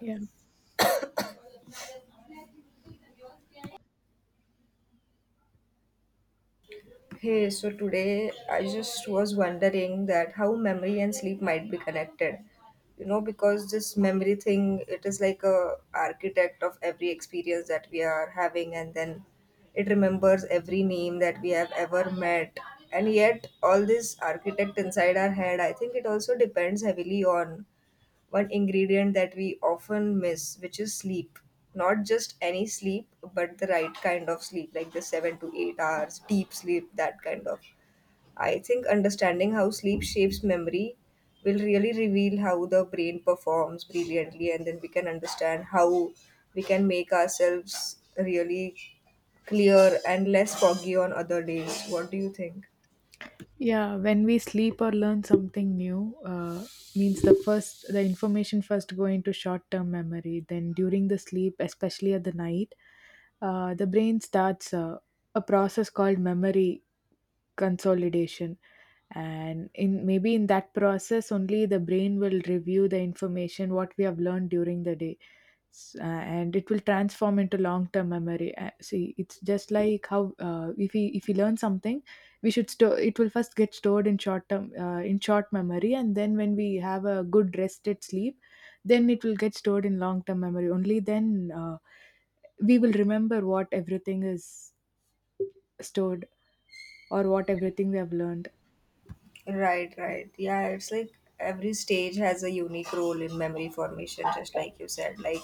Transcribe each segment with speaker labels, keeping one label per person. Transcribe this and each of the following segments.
Speaker 1: Yeah,
Speaker 2: Hey, so today I just was wondering that how memory and sleep might be connected. You know, because this memory thing, it is like a architect of every experience that we are having, and then it remembers every name that we have ever met. And yet, all this architect inside our head, I think it also depends heavily on one ingredient that we often miss, which is sleep. Not just any sleep, but the right kind of sleep, like the 7 to 8 hours, deep sleep, that kind of. I think understanding how sleep shapes memory will really reveal how the brain performs brilliantly, and then we can understand how we can make ourselves really clear and less foggy on other days. What do you think?
Speaker 1: yeah. When we sleep or learn something new, means the information first go into short term memory. Then during the sleep, especially at the night, the brain starts a process called memory consolidation, and in maybe in that process only the brain will review the information what we have learned during the day. And it will transform into long-term memory. See, it's just like how if we learn something we should store it will first get stored in short term in short memory, and then when we have a good rested sleep then it will get stored in long term memory only then, we will remember what everything is stored or what everything we have learned.
Speaker 2: Right, right. Yeah, it's like every stage has a unique role in memory formation, just like you said. Like,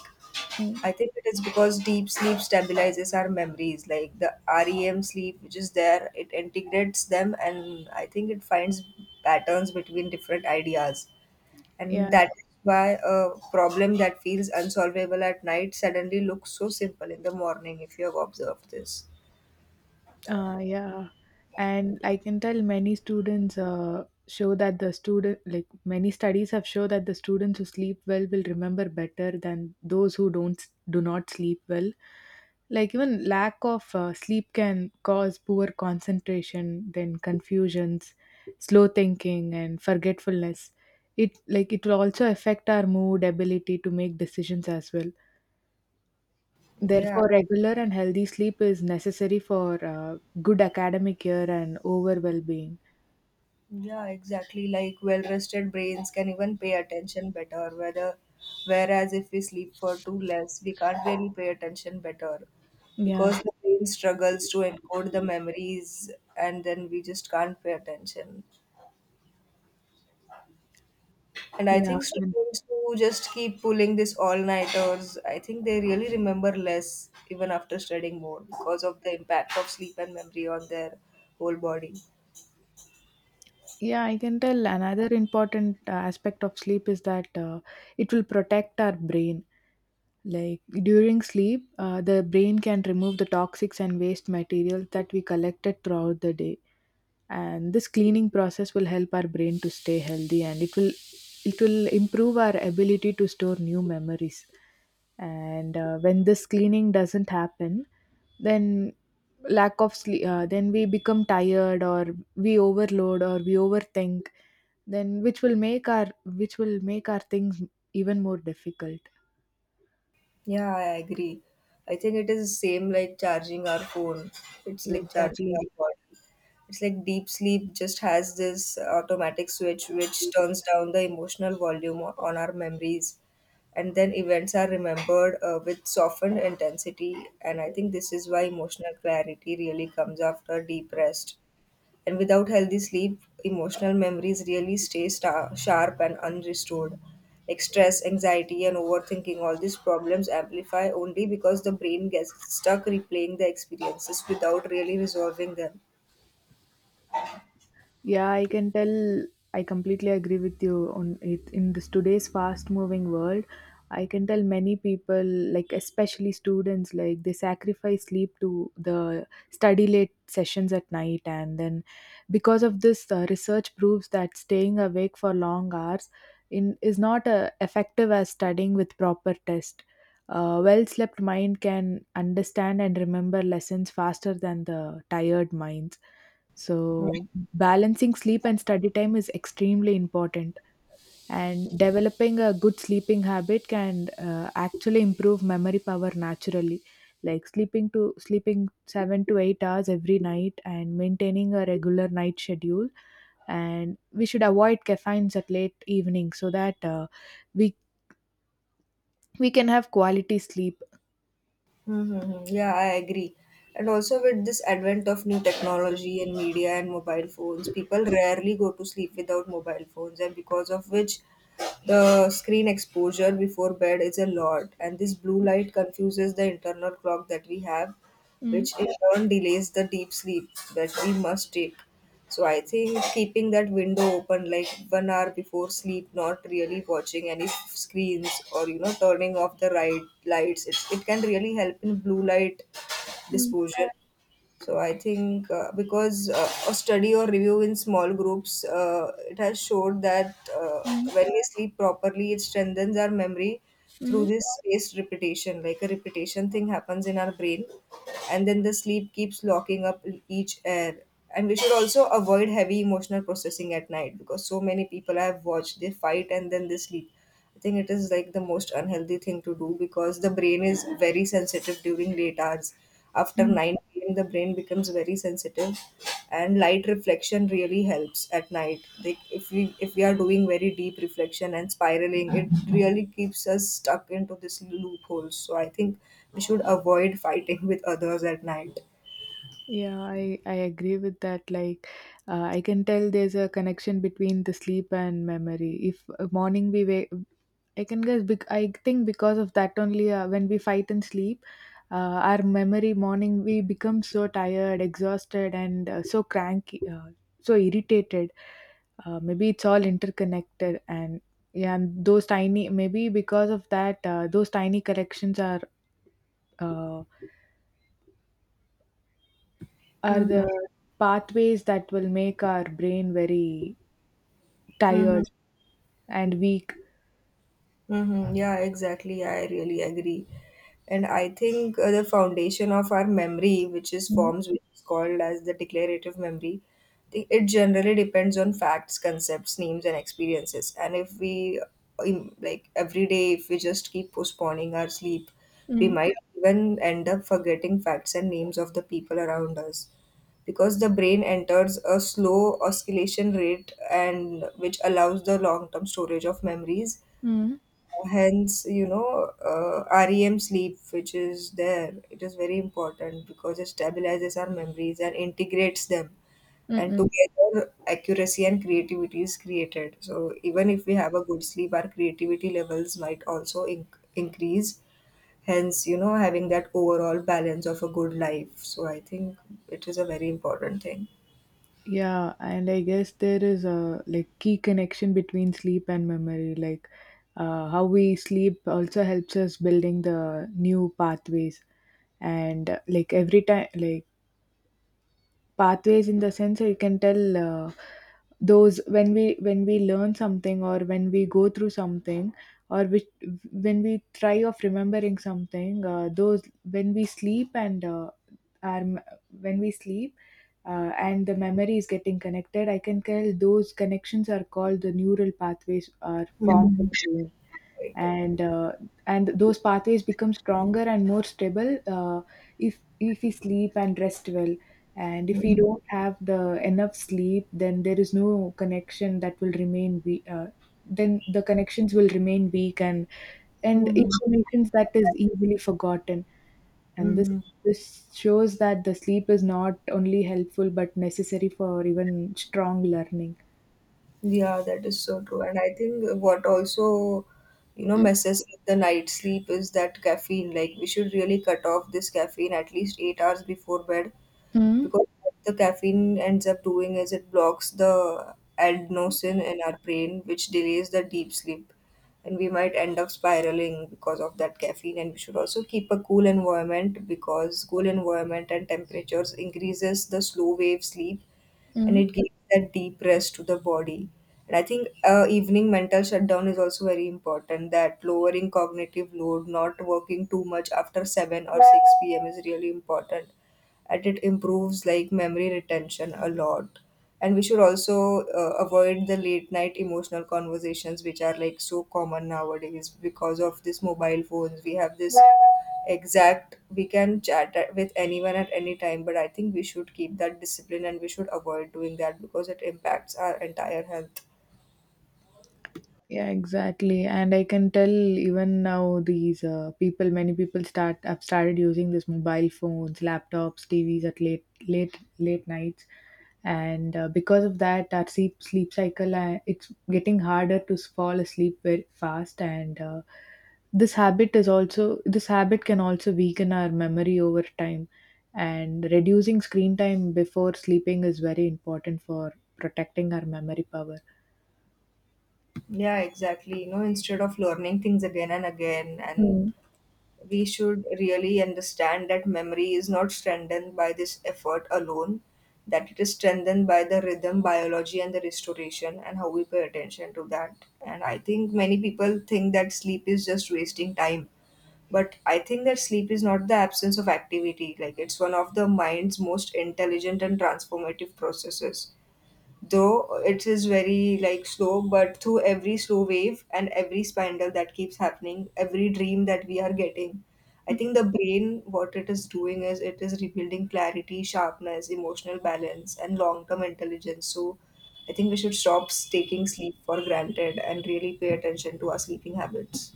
Speaker 1: Mm.
Speaker 2: I think it is because deep sleep stabilizes our memories. Like, the REM sleep, which is there, it integrates them, and I think it finds patterns between different ideas. And
Speaker 1: Yeah.
Speaker 2: that is why a problem that feels unsolvable at night suddenly looks so simple in the morning, if you have observed this.
Speaker 1: Yeah, and I can tell many students show that the student like many studies have shown that the students who sleep well will remember better than those who don't do not sleep well. Like even lack of sleep can cause poor concentration, then confusions, slow thinking, and forgetfulness. It like it will also affect our mood, ability to make decisions as well.
Speaker 2: Yeah.
Speaker 1: Therefore, regular and healthy sleep is necessary for good academic year and overall well-being.
Speaker 2: Yeah, exactly. Like well rested brains can even pay attention better. Whether, whereas if we sleep for too less, we can't really pay attention better
Speaker 1: Yeah,
Speaker 2: because the brain struggles to encode the memories and then we just can't pay attention. And I
Speaker 1: yeah,
Speaker 2: think
Speaker 1: and-
Speaker 2: students who just keep pulling this all nighters, I think they really remember less even after studying more because of the impact of sleep and memory on their whole body.
Speaker 1: yeah. I can tell another important aspect of sleep is that it will protect our brain, like during sleep the brain can remove the toxics and waste materials that we collected throughout the day, and this cleaning process will help our brain to stay healthy, and it will improve our ability to store new memories. And when this cleaning doesn't happen, then lack of sleep, then we become tired, or we overload, or we overthink, then which will make our things even more difficult.
Speaker 2: Yeah, I agree. I think it is same like charging our phone. It's like charging
Speaker 1: Exactly.
Speaker 2: our body. It's like deep sleep just has this automatic switch which turns down the emotional volume on our memories, and then events are remembered with softened intensity. And I think this is why emotional clarity really comes after deep rest. And without healthy sleep, emotional memories really stay sharp and unrestored. Like stress, anxiety, and overthinking, all these problems amplify only because the brain gets stuck replaying the experiences without really resolving them.
Speaker 1: Yeah, I can tell. I completely agree with you on it. In this today's fast-moving world, I can tell many people, like especially students, like they sacrifice sleep to the study late sessions at night, and then because of this, research proves that staying awake for long hours in is not effective as studying with proper test. A well-slept mind can understand and remember lessons faster than the tired minds, so balancing sleep and study time is extremely important, and developing a good sleeping habit can actually improve memory power naturally. Like sleeping 7 to 8 hours every night and maintaining a regular night schedule, and we should avoid caffeines at late evening so that we we can have quality sleep.
Speaker 2: Mm-hmm. Yeah, I agree. And also, with this advent of new technology and media and mobile phones, people rarely go to sleep without mobile phones, and because of which the screen exposure before bed is a lot, and this blue light confuses the internal clock that we have,
Speaker 1: Mm,
Speaker 2: which in turn delays the deep sleep that we must take. So I think keeping that window open like 1 hour before sleep, not really watching any screens or you know turning off the right lights, it can really help in blue light
Speaker 1: mm,
Speaker 2: disposal. So I think because a study or review in small groups, it has showed that
Speaker 1: mm,
Speaker 2: when we sleep properly, it strengthens our memory through
Speaker 1: mm,
Speaker 2: this spaced repetition. Like a repetition thing happens in our brain, and then the sleep keeps locking up each air. And we should also avoid heavy emotional processing at night because so many people I have watched they fight and then they sleep. I think it is like the most unhealthy thing to do because the brain is very sensitive during late hours. After
Speaker 1: mm.
Speaker 2: 9 p.m., the brain becomes very sensitive, and light reflection really helps at night. Like if we are doing very deep reflection and spiraling, it really keeps us stuck into this loophole. So I think we should avoid fighting with others at night.
Speaker 1: Yeah, I agree with that. Like, I can tell there's a connection between the sleep and memory. If morning we wake, I can guess. I think because of that only, when we fight and sleep, uh, our memory morning we become so tired, exhausted, and so cranky, so irritated. Maybe it's all interconnected, and yeah, and those tiny maybe because of that, those tiny corrections are. Uh, are
Speaker 2: Mm-hmm.
Speaker 1: the pathways that will make our brain very tired and weak.
Speaker 2: Mm-hmm. Yeah, exactly. I really agree. And I think the foundation of our memory, which is
Speaker 1: Mm,
Speaker 2: forms, which is called as the declarative memory, it generally depends on facts, concepts, names, and experiences. And if we, like every day, if we just keep postponing our sleep, we
Speaker 1: mm,
Speaker 2: might even end up forgetting facts and names of the people around us because the brain enters a slow oscillation rate and which allows the long term storage of memories.
Speaker 1: mm,
Speaker 2: Hence, you know, REM sleep, which is there, it is very important because it stabilizes our memories and integrates them, and
Speaker 1: mm-mm.
Speaker 2: together accuracy and creativity is created. So even if we have a good sleep, our creativity levels might also increase. Hence, you know, having that overall balance of a good life, so I think it is a very important thing.
Speaker 1: Yeah, and I guess there is a like key connection between sleep and memory. Like how we sleep also helps us building the new pathways. And like every time, like pathways in the sense that you can tell those when we learn something or when we go through something, or which, when we try of remembering something, those when we sleep and our, m- when we sleep and the memory is getting connected, I can tell those connections are called the neural pathways are formed.
Speaker 2: Mhm. Right.
Speaker 1: And and those pathways become stronger and more stable, if we sleep and rest well, and if we
Speaker 2: Mhm.
Speaker 1: don't have the enough sleep then there is no connection that will remain we, then the connections will remain weak, and
Speaker 2: Mhm.
Speaker 1: information that is easily forgotten. And this
Speaker 2: Mhm.
Speaker 1: this shows that the sleep is not only helpful but necessary for even strong learning.
Speaker 2: Yeah, that is so true. And I think what also, you know, messes with the night sleep is that caffeine. Like, we should really cut off this caffeine at least 8 hours before bed
Speaker 1: Mm.
Speaker 2: because what the caffeine ends up doing is it blocks the adenosine in our brain, which delays the deep sleep. And we might end up spiraling because of that caffeine. And we should also keep a cool environment because cool environment and temperatures increases the slow wave sleep, and
Speaker 1: Mm.
Speaker 2: it gives that deep rest to the body. And I think evening mental shutdown is also very important. That lowering cognitive load, not working too much after 7 or 6 p.m. is really important, and it improves like memory retention a lot. And we should also avoid the late night emotional conversations which are like so common nowadays because of this mobile phones we have this exact. We can chat with anyone at any time, but I think we should keep that discipline and we should avoid doing that because it impacts our entire health.
Speaker 1: Yeah, exactly. And I can tell even now these people, many people start have started using this mobile phones, laptops, TVs at late nights, and because of that, our sleep cycle it's getting harder to fall asleep very fast. And this habit can also weaken our memory over time, and reducing screen time before sleeping is very important for protecting our memory power.
Speaker 2: Yeah, exactly. You know, instead of learning things again and again, and we should really understand that memory is not strengthened by this effort alone, that it is strengthened by the rhythm, biology, and the restoration, and how we pay attention to that. And I think many people think that sleep is just wasting time. But I think that sleep is not the absence of activity. Like it's one of the mind's most intelligent and transformative processes, though it is very like slow. But through every slow wave and every spindle that keeps happening, every dream that we are getting, I think the brain, what it is doing is it is rebuilding clarity, sharpness, emotional balance, and long term intelligence. So I think we should stop taking sleep for granted and really pay attention to our sleeping habits.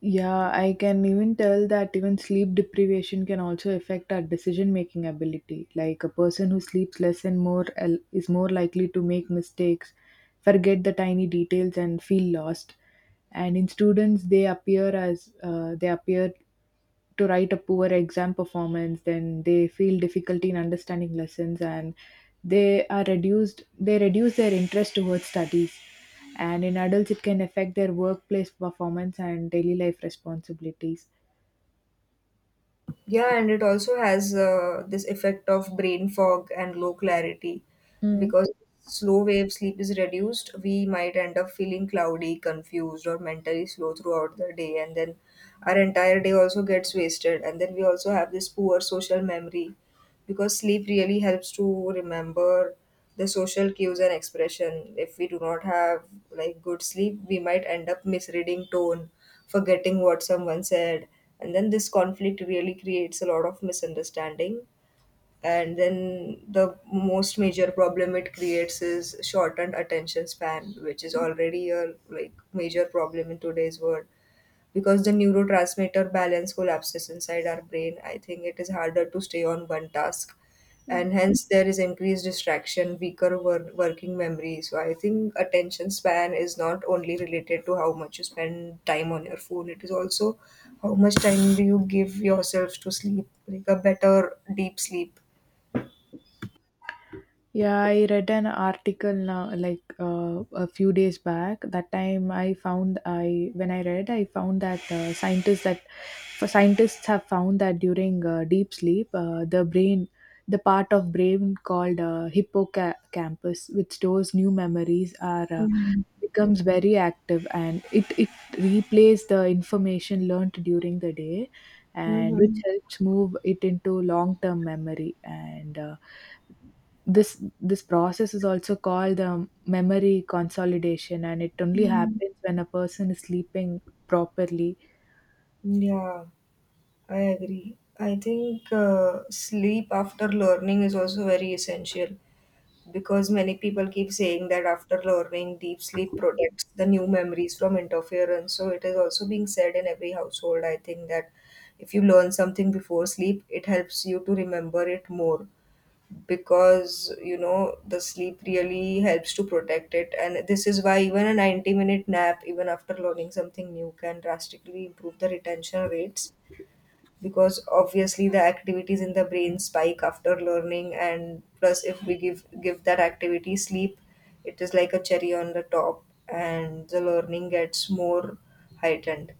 Speaker 1: Yeah, I can even tell that even sleep deprivation can also affect our decision making ability. Like a person who sleeps less and more is more likely to make mistakes, forget the tiny details, and feel lost. And in students, they appear as they appear to write a poor exam performance, then they feel difficulty in understanding lessons, and they reduce their interest towards studies, and in adults it can affect their workplace performance and daily life responsibilities.
Speaker 2: Yeah, and it also has this effect of brain fog and low clarity. Because slow wave sleep is reduced, we might end up feeling cloudy, confused, or mentally slow throughout the day. And then our entire day also gets wasted. And then we also have this poor social memory because sleep really helps to remember the social cues and expression. If we do not have like good sleep, we might end up misreading tone, forgetting what someone said, and then this conflict really creates a lot of misunderstanding. And then the most major problem it creates is shortened attention span, which is already a like major problem in today's world, because the neurotransmitter balance collapses inside our brain. I think it is harder to stay on one task, and hence there is increased distraction, weaker working memory. So I think attention span is not only related to how much you spend time on your phone; it is also how much time do you give yourself to sleep, like a better deep sleep.
Speaker 1: Yeah, I read an article now, like a few days back. That time I found I when I read, I found that scientists have found that during deep sleep, the brain, the part of brain called hippocampus, which stores new memories, are
Speaker 2: Mhm.
Speaker 1: becomes very active, and it replays the information learned during the day, and which
Speaker 2: Mhm.
Speaker 1: helps move it into long term memory and. This process is also called memory consolidation, and it only
Speaker 2: Mhm.
Speaker 1: happens when a person is sleeping properly.
Speaker 2: Yeah, I agree. I think sleep after learning is also very essential. Because many people keep saying that after learning, deep sleep protects the new memories from interference, so it is also being said in every household. I think that if you learn something before sleep, it helps you to remember it more because you know the sleep really helps to protect it. And this is why even a 90-minute nap even after learning something new can drastically improve the retention rates, because obviously the activities in the brain spike after learning, and plus if we give that activity sleep, it is like a cherry on the top and the learning gets more heightened.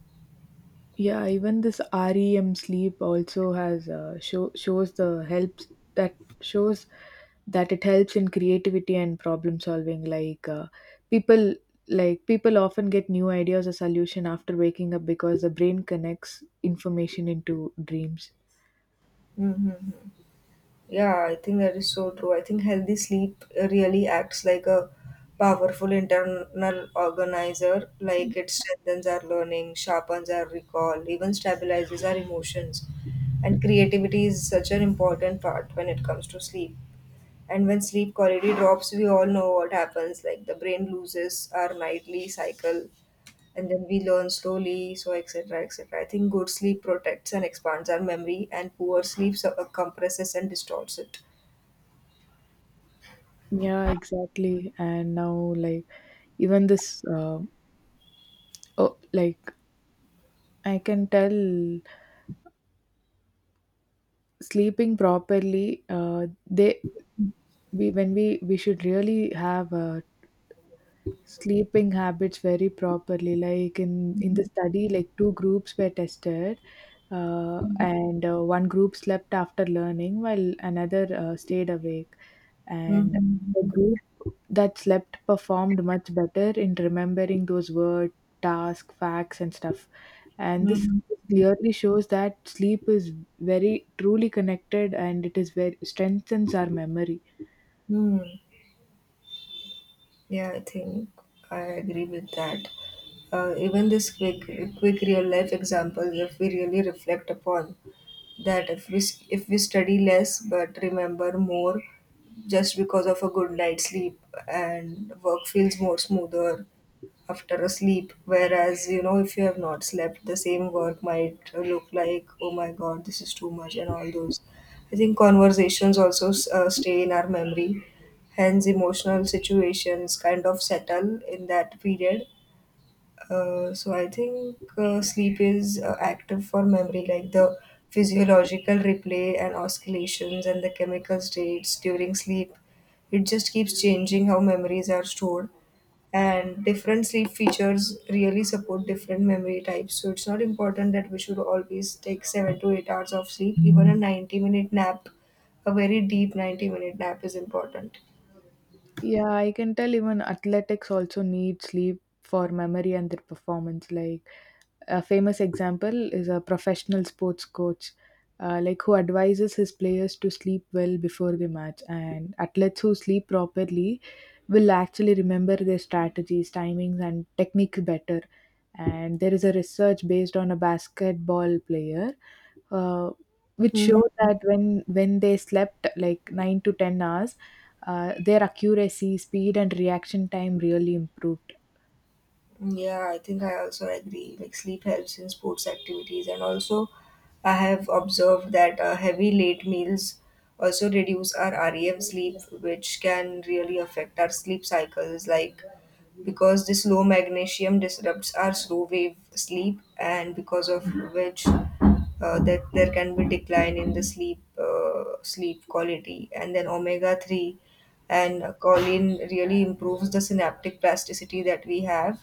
Speaker 1: Yeah, even this REM sleep also has shows that it helps in creativity and problem solving, like people people often get new ideas or solution after waking up because the brain connects information into dreams.
Speaker 2: Mm-hmm. Yeah, I think that is so true. I think healthy sleep really acts like a powerful internal organizer. Like it strengthens our learning, sharpens our recall, even stabilizes our emotions, and creativity is such an important part when it comes to sleep. And when sleep quality drops, we all know what happens. Like the brain loses our nightly cycle, and then we learn slowly, so etc, etc. I think good sleep protects and expands our memory, and poor sleep compresses and distorts it.
Speaker 1: Yeah, exactly, and now like even this Oh, like I can tell sleeping properly, they we when we should really have sleeping habits very properly, like in the study, like two groups were tested, and one group slept after learning while another stayed awake, and the
Speaker 2: Mm-hmm.
Speaker 1: group that slept performed much better in remembering those word, task, facts and stuff. And this
Speaker 2: Hmm.
Speaker 1: clearly shows that sleep is very truly connected and it is very strengthens our memory.
Speaker 2: Hmm. Yeah, I think I agree with that. Even this quick real life example, if we really reflect upon that, if we if we study less but remember more just because of a good night's sleep, and work feels more smoother after a sleep. Whereas if you have not slept, the same work might look like, oh my god, this is too much and all those. I think conversations also stay in our memory, hence emotional situations kind of settle in that period. So I think sleep is active for memory, like the physiological replay and oscillations and the chemical states during sleep. It just keeps changing how memories are stored, and different sleep features really support different memory types. So it's not important that we should always take 7 to 8 hours of sleep. Even a 90 minute nap, a very deep 90 minute nap, is important.
Speaker 1: Yeah, I can tell even athletics also need sleep for memory and their performance. Like a famous example is a professional sports coach, like who advises his players to sleep well before the match. And athletes who sleep properly will actually remember their strategies, timings, and technique better. And there is a research based on a basketball player, uh, which showed that when they slept like 9 to 10 hours, their accuracy, speed, and reaction time really improved.
Speaker 2: Yeah, I think I also agree. Like sleep helps in sports activities, and also I have observed that heavy late meals also reduce our REM sleep, which can really affect our sleep cycles. Like because this low magnesium disrupts our slow wave sleep, and because of which that there can be decline in the sleep quality. And then omega 3 and choline really improves the synaptic plasticity that we have,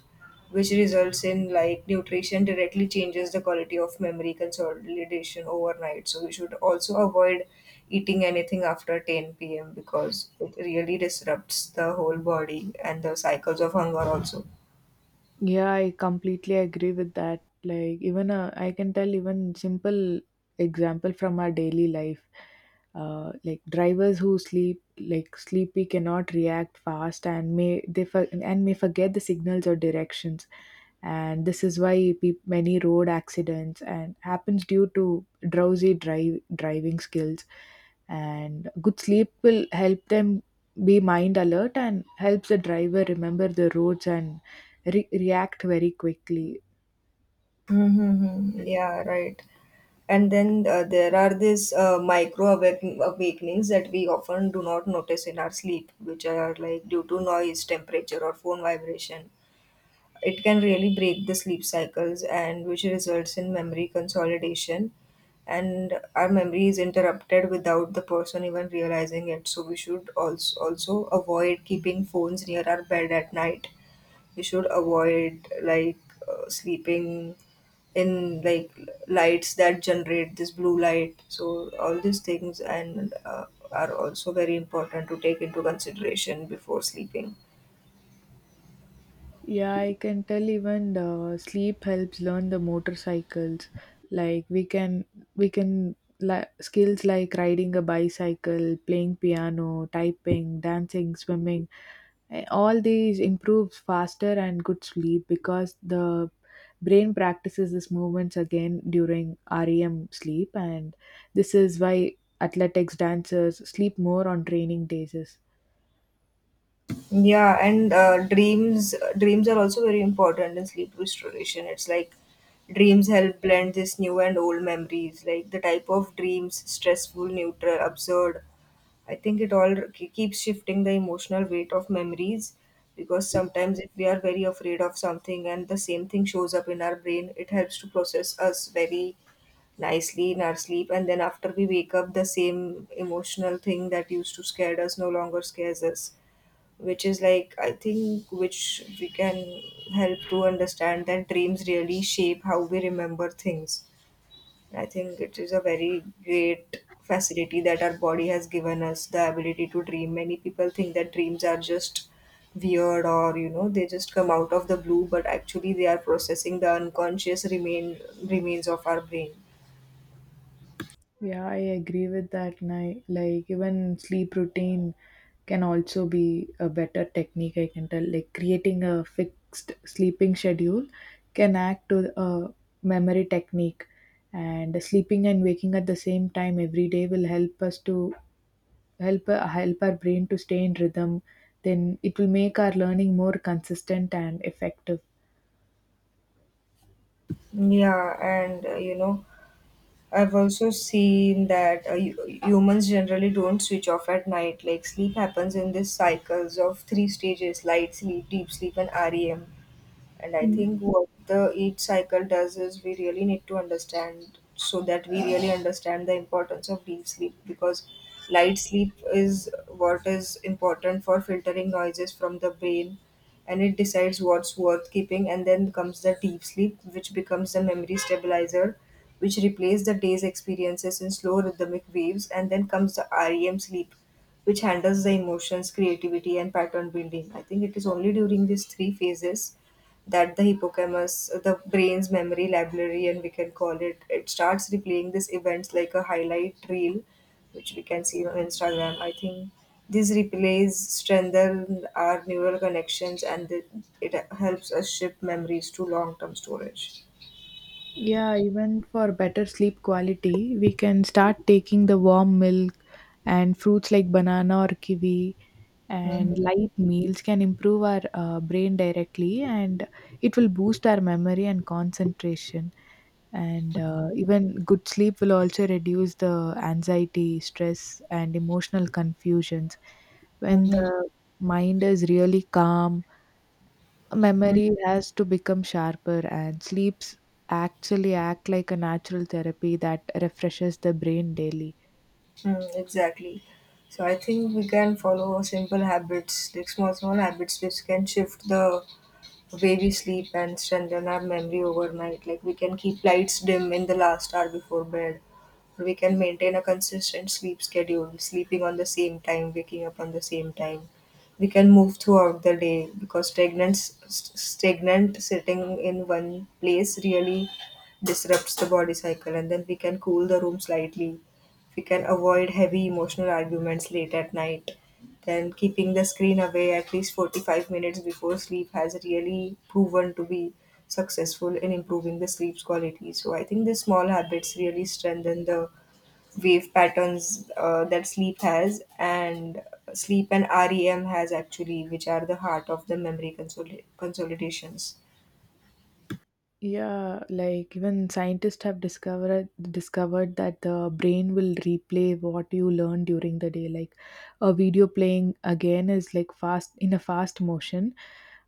Speaker 2: which results in, like, nutrition directly changes the quality of memory consolidation overnight. So we should also avoid eating anything after 10 p.m. because it really disrupts the whole body and the cycles of hunger also.
Speaker 1: Yeah, I completely agree with that. Like, even I can tell even simple example from our daily life. Like drivers who sleep like sleepy cannot react fast and may forget the signals or directions, and this is why peop many road accidents and happens due to drowsy drive driving skills, and good sleep will help them be mind alert and helps the driver remember the roads and react very quickly.
Speaker 2: Mm-hmm. Yeah, right. And then there are these awakenings that we often do not notice in our sleep, which are like due to noise, temperature, or phone vibration. It can really break the sleep cycles, and which results in memory consolidation, and our memory is interrupted without the person even realizing it. So we should also avoid keeping phones near our bed at night. We should avoid like sleeping in like lights that generate this blue light. So all these things and are also very important to take into consideration before sleeping.
Speaker 1: Yeah, I can tell even the sleep helps learn the motorcycles. Like we can skills like riding a bicycle, playing piano, typing, dancing, swimming. All these improves faster and good sleep because the brain practices these movements again during REM sleep, and this is why athletics dancers sleep more on training days.
Speaker 2: Yeah, and dreams are also very important in sleep restoration. It's like dreams help blend this new and old memories, like the type of dreams: stressful, neutral, absurd. I think it all keeps shifting the emotional weight of memories, because sometimes if we are very afraid of something and the same thing shows up in our brain, it helps to process us very nicely in our sleep. And then after we wake up, the same emotional thing that used to scare us no longer scares us, which is like, I think, which we can help to understand that dreams really shape how we remember things. I think it is a very great facility that our body has given us, the ability to dream. Many people think that dreams are just weird, or they just come out of the blue, but actually they are processing the unconscious remains of our brain.
Speaker 1: Yeah, I agree with that. And I Like even sleep routine can also be a better technique. I can tell. Like creating a fixed sleeping schedule can act to a memory technique, and sleeping and waking at the same time every day will help us to help our brain to stay in rhythm. Then it will make our learning more consistent and effective.
Speaker 2: Yeah, and I've also seen that humans generally don't switch off at night. Like sleep happens in these cycles of 3 stages: light sleep, deep sleep, and REM. And I think what the each cycle does is we really need to understand so that we really understand the importance of deep sleep. Because light sleep is what is important for filtering noises from the brain, and it decides what's worth keeping. And then comes the deep sleep, which becomes the memory stabilizer, which replaces the day's experiences in slow rhythmic waves. And then comes the REM sleep, which handles the emotions, creativity, and pattern building. I think it is only during these 3 phases that the hippocampus, the brain's memory library, and we can call it, it starts replaying these events like a highlight reel, which we can see on Instagram. I think these replays strengthen our neural connections, and it helps us shift memories to long term storage.
Speaker 1: Yeah, even for better sleep quality, we can start taking the warm milk and fruits like banana or kiwi,
Speaker 2: Hmm.
Speaker 1: and light meals can improve our brain directly, and it will boost our memory and concentration. And even good sleep will also reduce the anxiety, stress, and emotional confusions. When
Speaker 2: Hmm.
Speaker 1: the mind is really calm,
Speaker 2: Hmm.
Speaker 1: memory has to become sharper, and sleeps actually act like a natural therapy that refreshes the brain daily.
Speaker 2: Exactly. So I think we can follow simple habits, like small, small habits, which can shift the way we sleep and strengthen our memory overnight. Like we can keep lights dim in the last hour before bed. We can maintain a consistent sleep schedule, sleeping on the same time, waking up on the same time. We can move throughout the day because stagnant sitting in one place really disrupts the body cycle. And then we can cool the room slightly. If we can avoid heavy emotional arguments late at night, then keeping the screen away at least 45 minutes before sleep has really proven to be successful in improving the sleep's quality. So I think these small habits really strengthen the wave patterns that sleep has, and sleep and REM has actually, which are the heart of the memory consolidations.
Speaker 1: Yeah, like even scientists have discovered that the brain will replay what you learn during the day. Like a video playing again is like fast in a fast motion.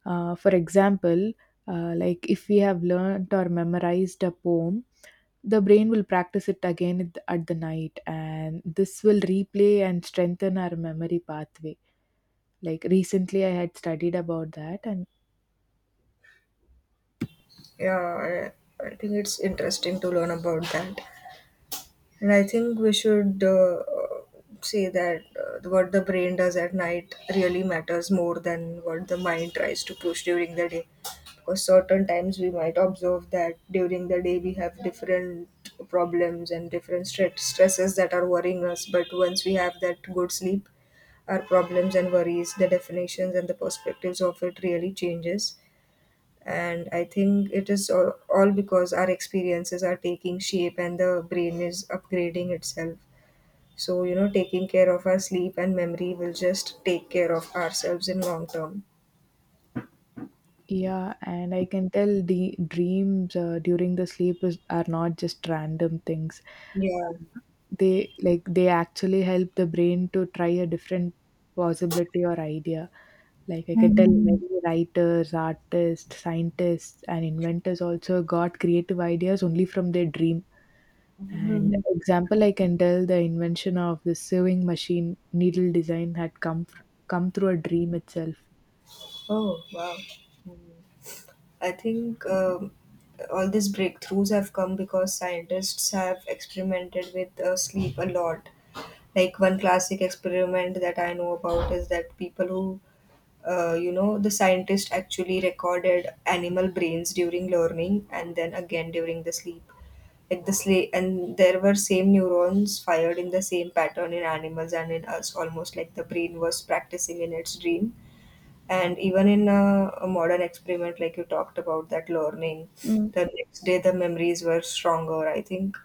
Speaker 1: For example, like if we have learned or memorized a poem, the brain will practice it again at the night, and this will replay and strengthen our memory pathway. Like recently, I had studied about that, and
Speaker 2: Yeah, I think it's interesting to learn about that. And I think we should say that what the brain does at night really matters more than what the mind tries to push during the day. Because certain times we might observe that during the day we have different problems and different stresses that are worrying us, but once we have that good sleep, our problems and worries, the definitions and the perspectives of it, really changes. And I think it is all because our experiences are taking shape and the brain is upgrading itself. So taking care of our sleep and memory will just take care of ourselves in long term.
Speaker 1: yeah, and I can tell the dreams during the sleep is, are not just random things.
Speaker 2: Yeah.
Speaker 1: Uh, They they actually help the brain to try a different possibility or idea. Like I can tell
Speaker 2: Mhm.
Speaker 1: many writers, artists, scientists, and inventors also got creative ideas only from their dream. And
Speaker 2: Hmm.
Speaker 1: example, I can tell the invention of the sewing machine needle design had come through a dream itself.
Speaker 2: Oh, wow. I think all these breakthroughs have come because scientists have experimented with sleep a lot. Like, one classic experiment that I know about is that people who the scientist actually recorded animal brains during learning and then again during the sleep. Like the and there were same neurons fired in the same pattern in animals and in us, almost like the brain was practicing in its dream. And even in a modern experiment like you talked about, that learning the next day, the memories were stronger. I think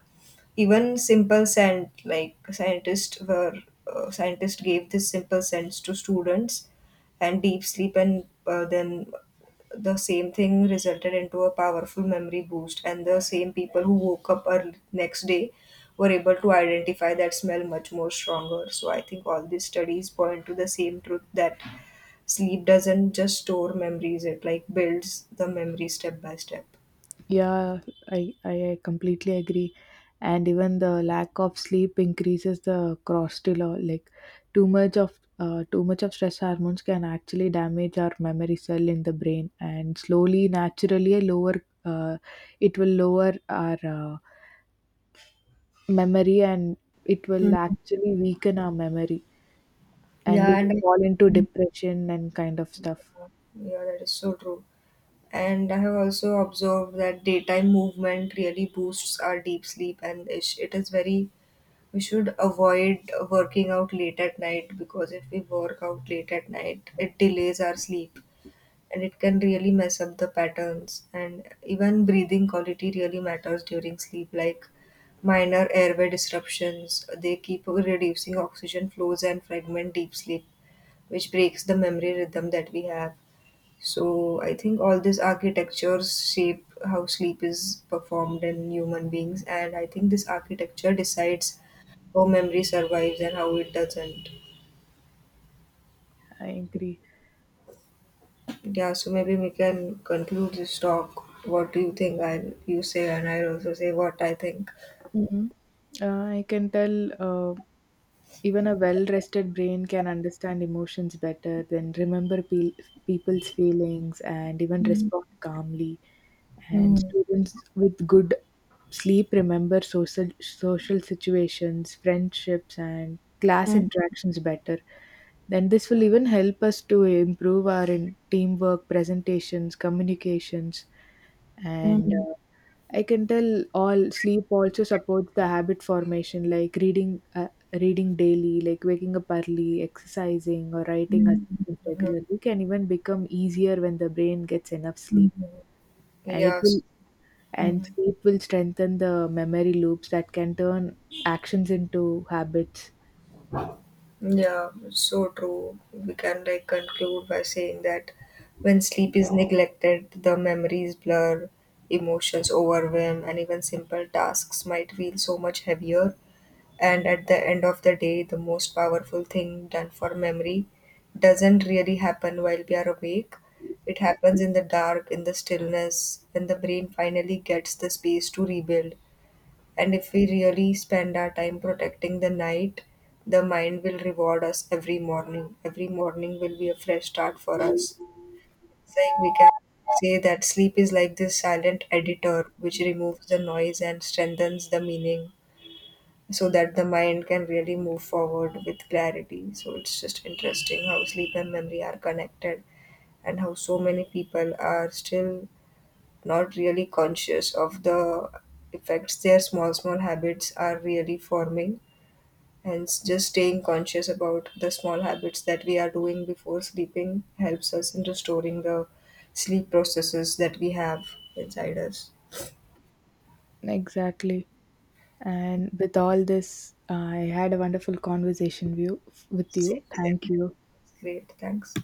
Speaker 2: even simple scent, like scientists gave this simple sense to students and deep sleep, and then the same thing resulted into a powerful memory boost. And the same people who woke up early next day were able to identify that smell much more stronger. So I think all these studies point to the same truth, that sleep doesn't just store memories, it like builds the memory step by step.
Speaker 1: Yeah, I completely agree. And even the lack of sleep increases the cortisol. Like too much of stress hormones can actually damage our memory cell in the brain, and slowly, naturally, lower uh, it will lower our memory, and it will actually weaken our memory, and we
Speaker 2: Yeah,
Speaker 1: will
Speaker 2: and
Speaker 1: fall into depression and kind of stuff.
Speaker 2: yeah that is so true. And I have also observed that daytime movement really boosts our deep sleep, and it is very, we should avoid working out late at night, because if we work out late at night, it delays our sleep and it can really mess up the patterns. And even breathing quality really matters during sleep, like minor airway disruptions. They keep reducing oxygen flows and fragment deep sleep, which breaks the memory rhythm that we have. So I think all these architectures shape how sleep is performed in human beings, and I think this architecture decides how memory survives and how it doesn't.
Speaker 1: I agree.
Speaker 2: Yeah, so maybe we can conclude this talk. What do you think? I you say, and I also say what I think.
Speaker 1: Mhm. Uh, I can tell even a well rested brain can understand emotions better, then remember people's feelings, and even
Speaker 2: Yeah.
Speaker 1: respond calmly. And students with good sleep remember social situations, friendships, and class interactions better. Then this will even help us to improve our teamwork, presentations, communications, and I can tell all sleep also supports the habit formation, like reading, reading daily, like waking up early, exercising, or writing assignments regularly can even become easier when the brain gets enough sleep, and it
Speaker 2: Yes.
Speaker 1: will and
Speaker 2: Mhm.
Speaker 1: sleep will strengthen the memory loops that can turn actions into habits.
Speaker 2: Yeah, so true. We can like conclude by saying that when sleep is neglected, the memories blur, emotions overwhelm, and even simple tasks might feel so much heavier. And at the end of the day, the most powerful thing done for memory doesn't really happen while we are awake. It happens in the dark, in the stillness, when the brain finally gets the space to rebuild. And if we really spend our time protecting the night, the mind will reward us every morning. Every morning will be a fresh start for us. It's like we can say that sleep is like this silent editor, which removes the noise and strengthens the meaning so that the mind can really move forward with clarity. So it's just interesting how sleep and memory are connected, and how so many people are still not really conscious of the effects their small small habits are really forming. And just staying conscious about the small habits that we are doing before sleeping helps us in restoring the sleep processes that we have inside us.
Speaker 1: Exactly, and with all this, I had a wonderful conversation with
Speaker 2: Same,
Speaker 1: you, thank
Speaker 2: same.
Speaker 1: you.
Speaker 2: Great, thanks.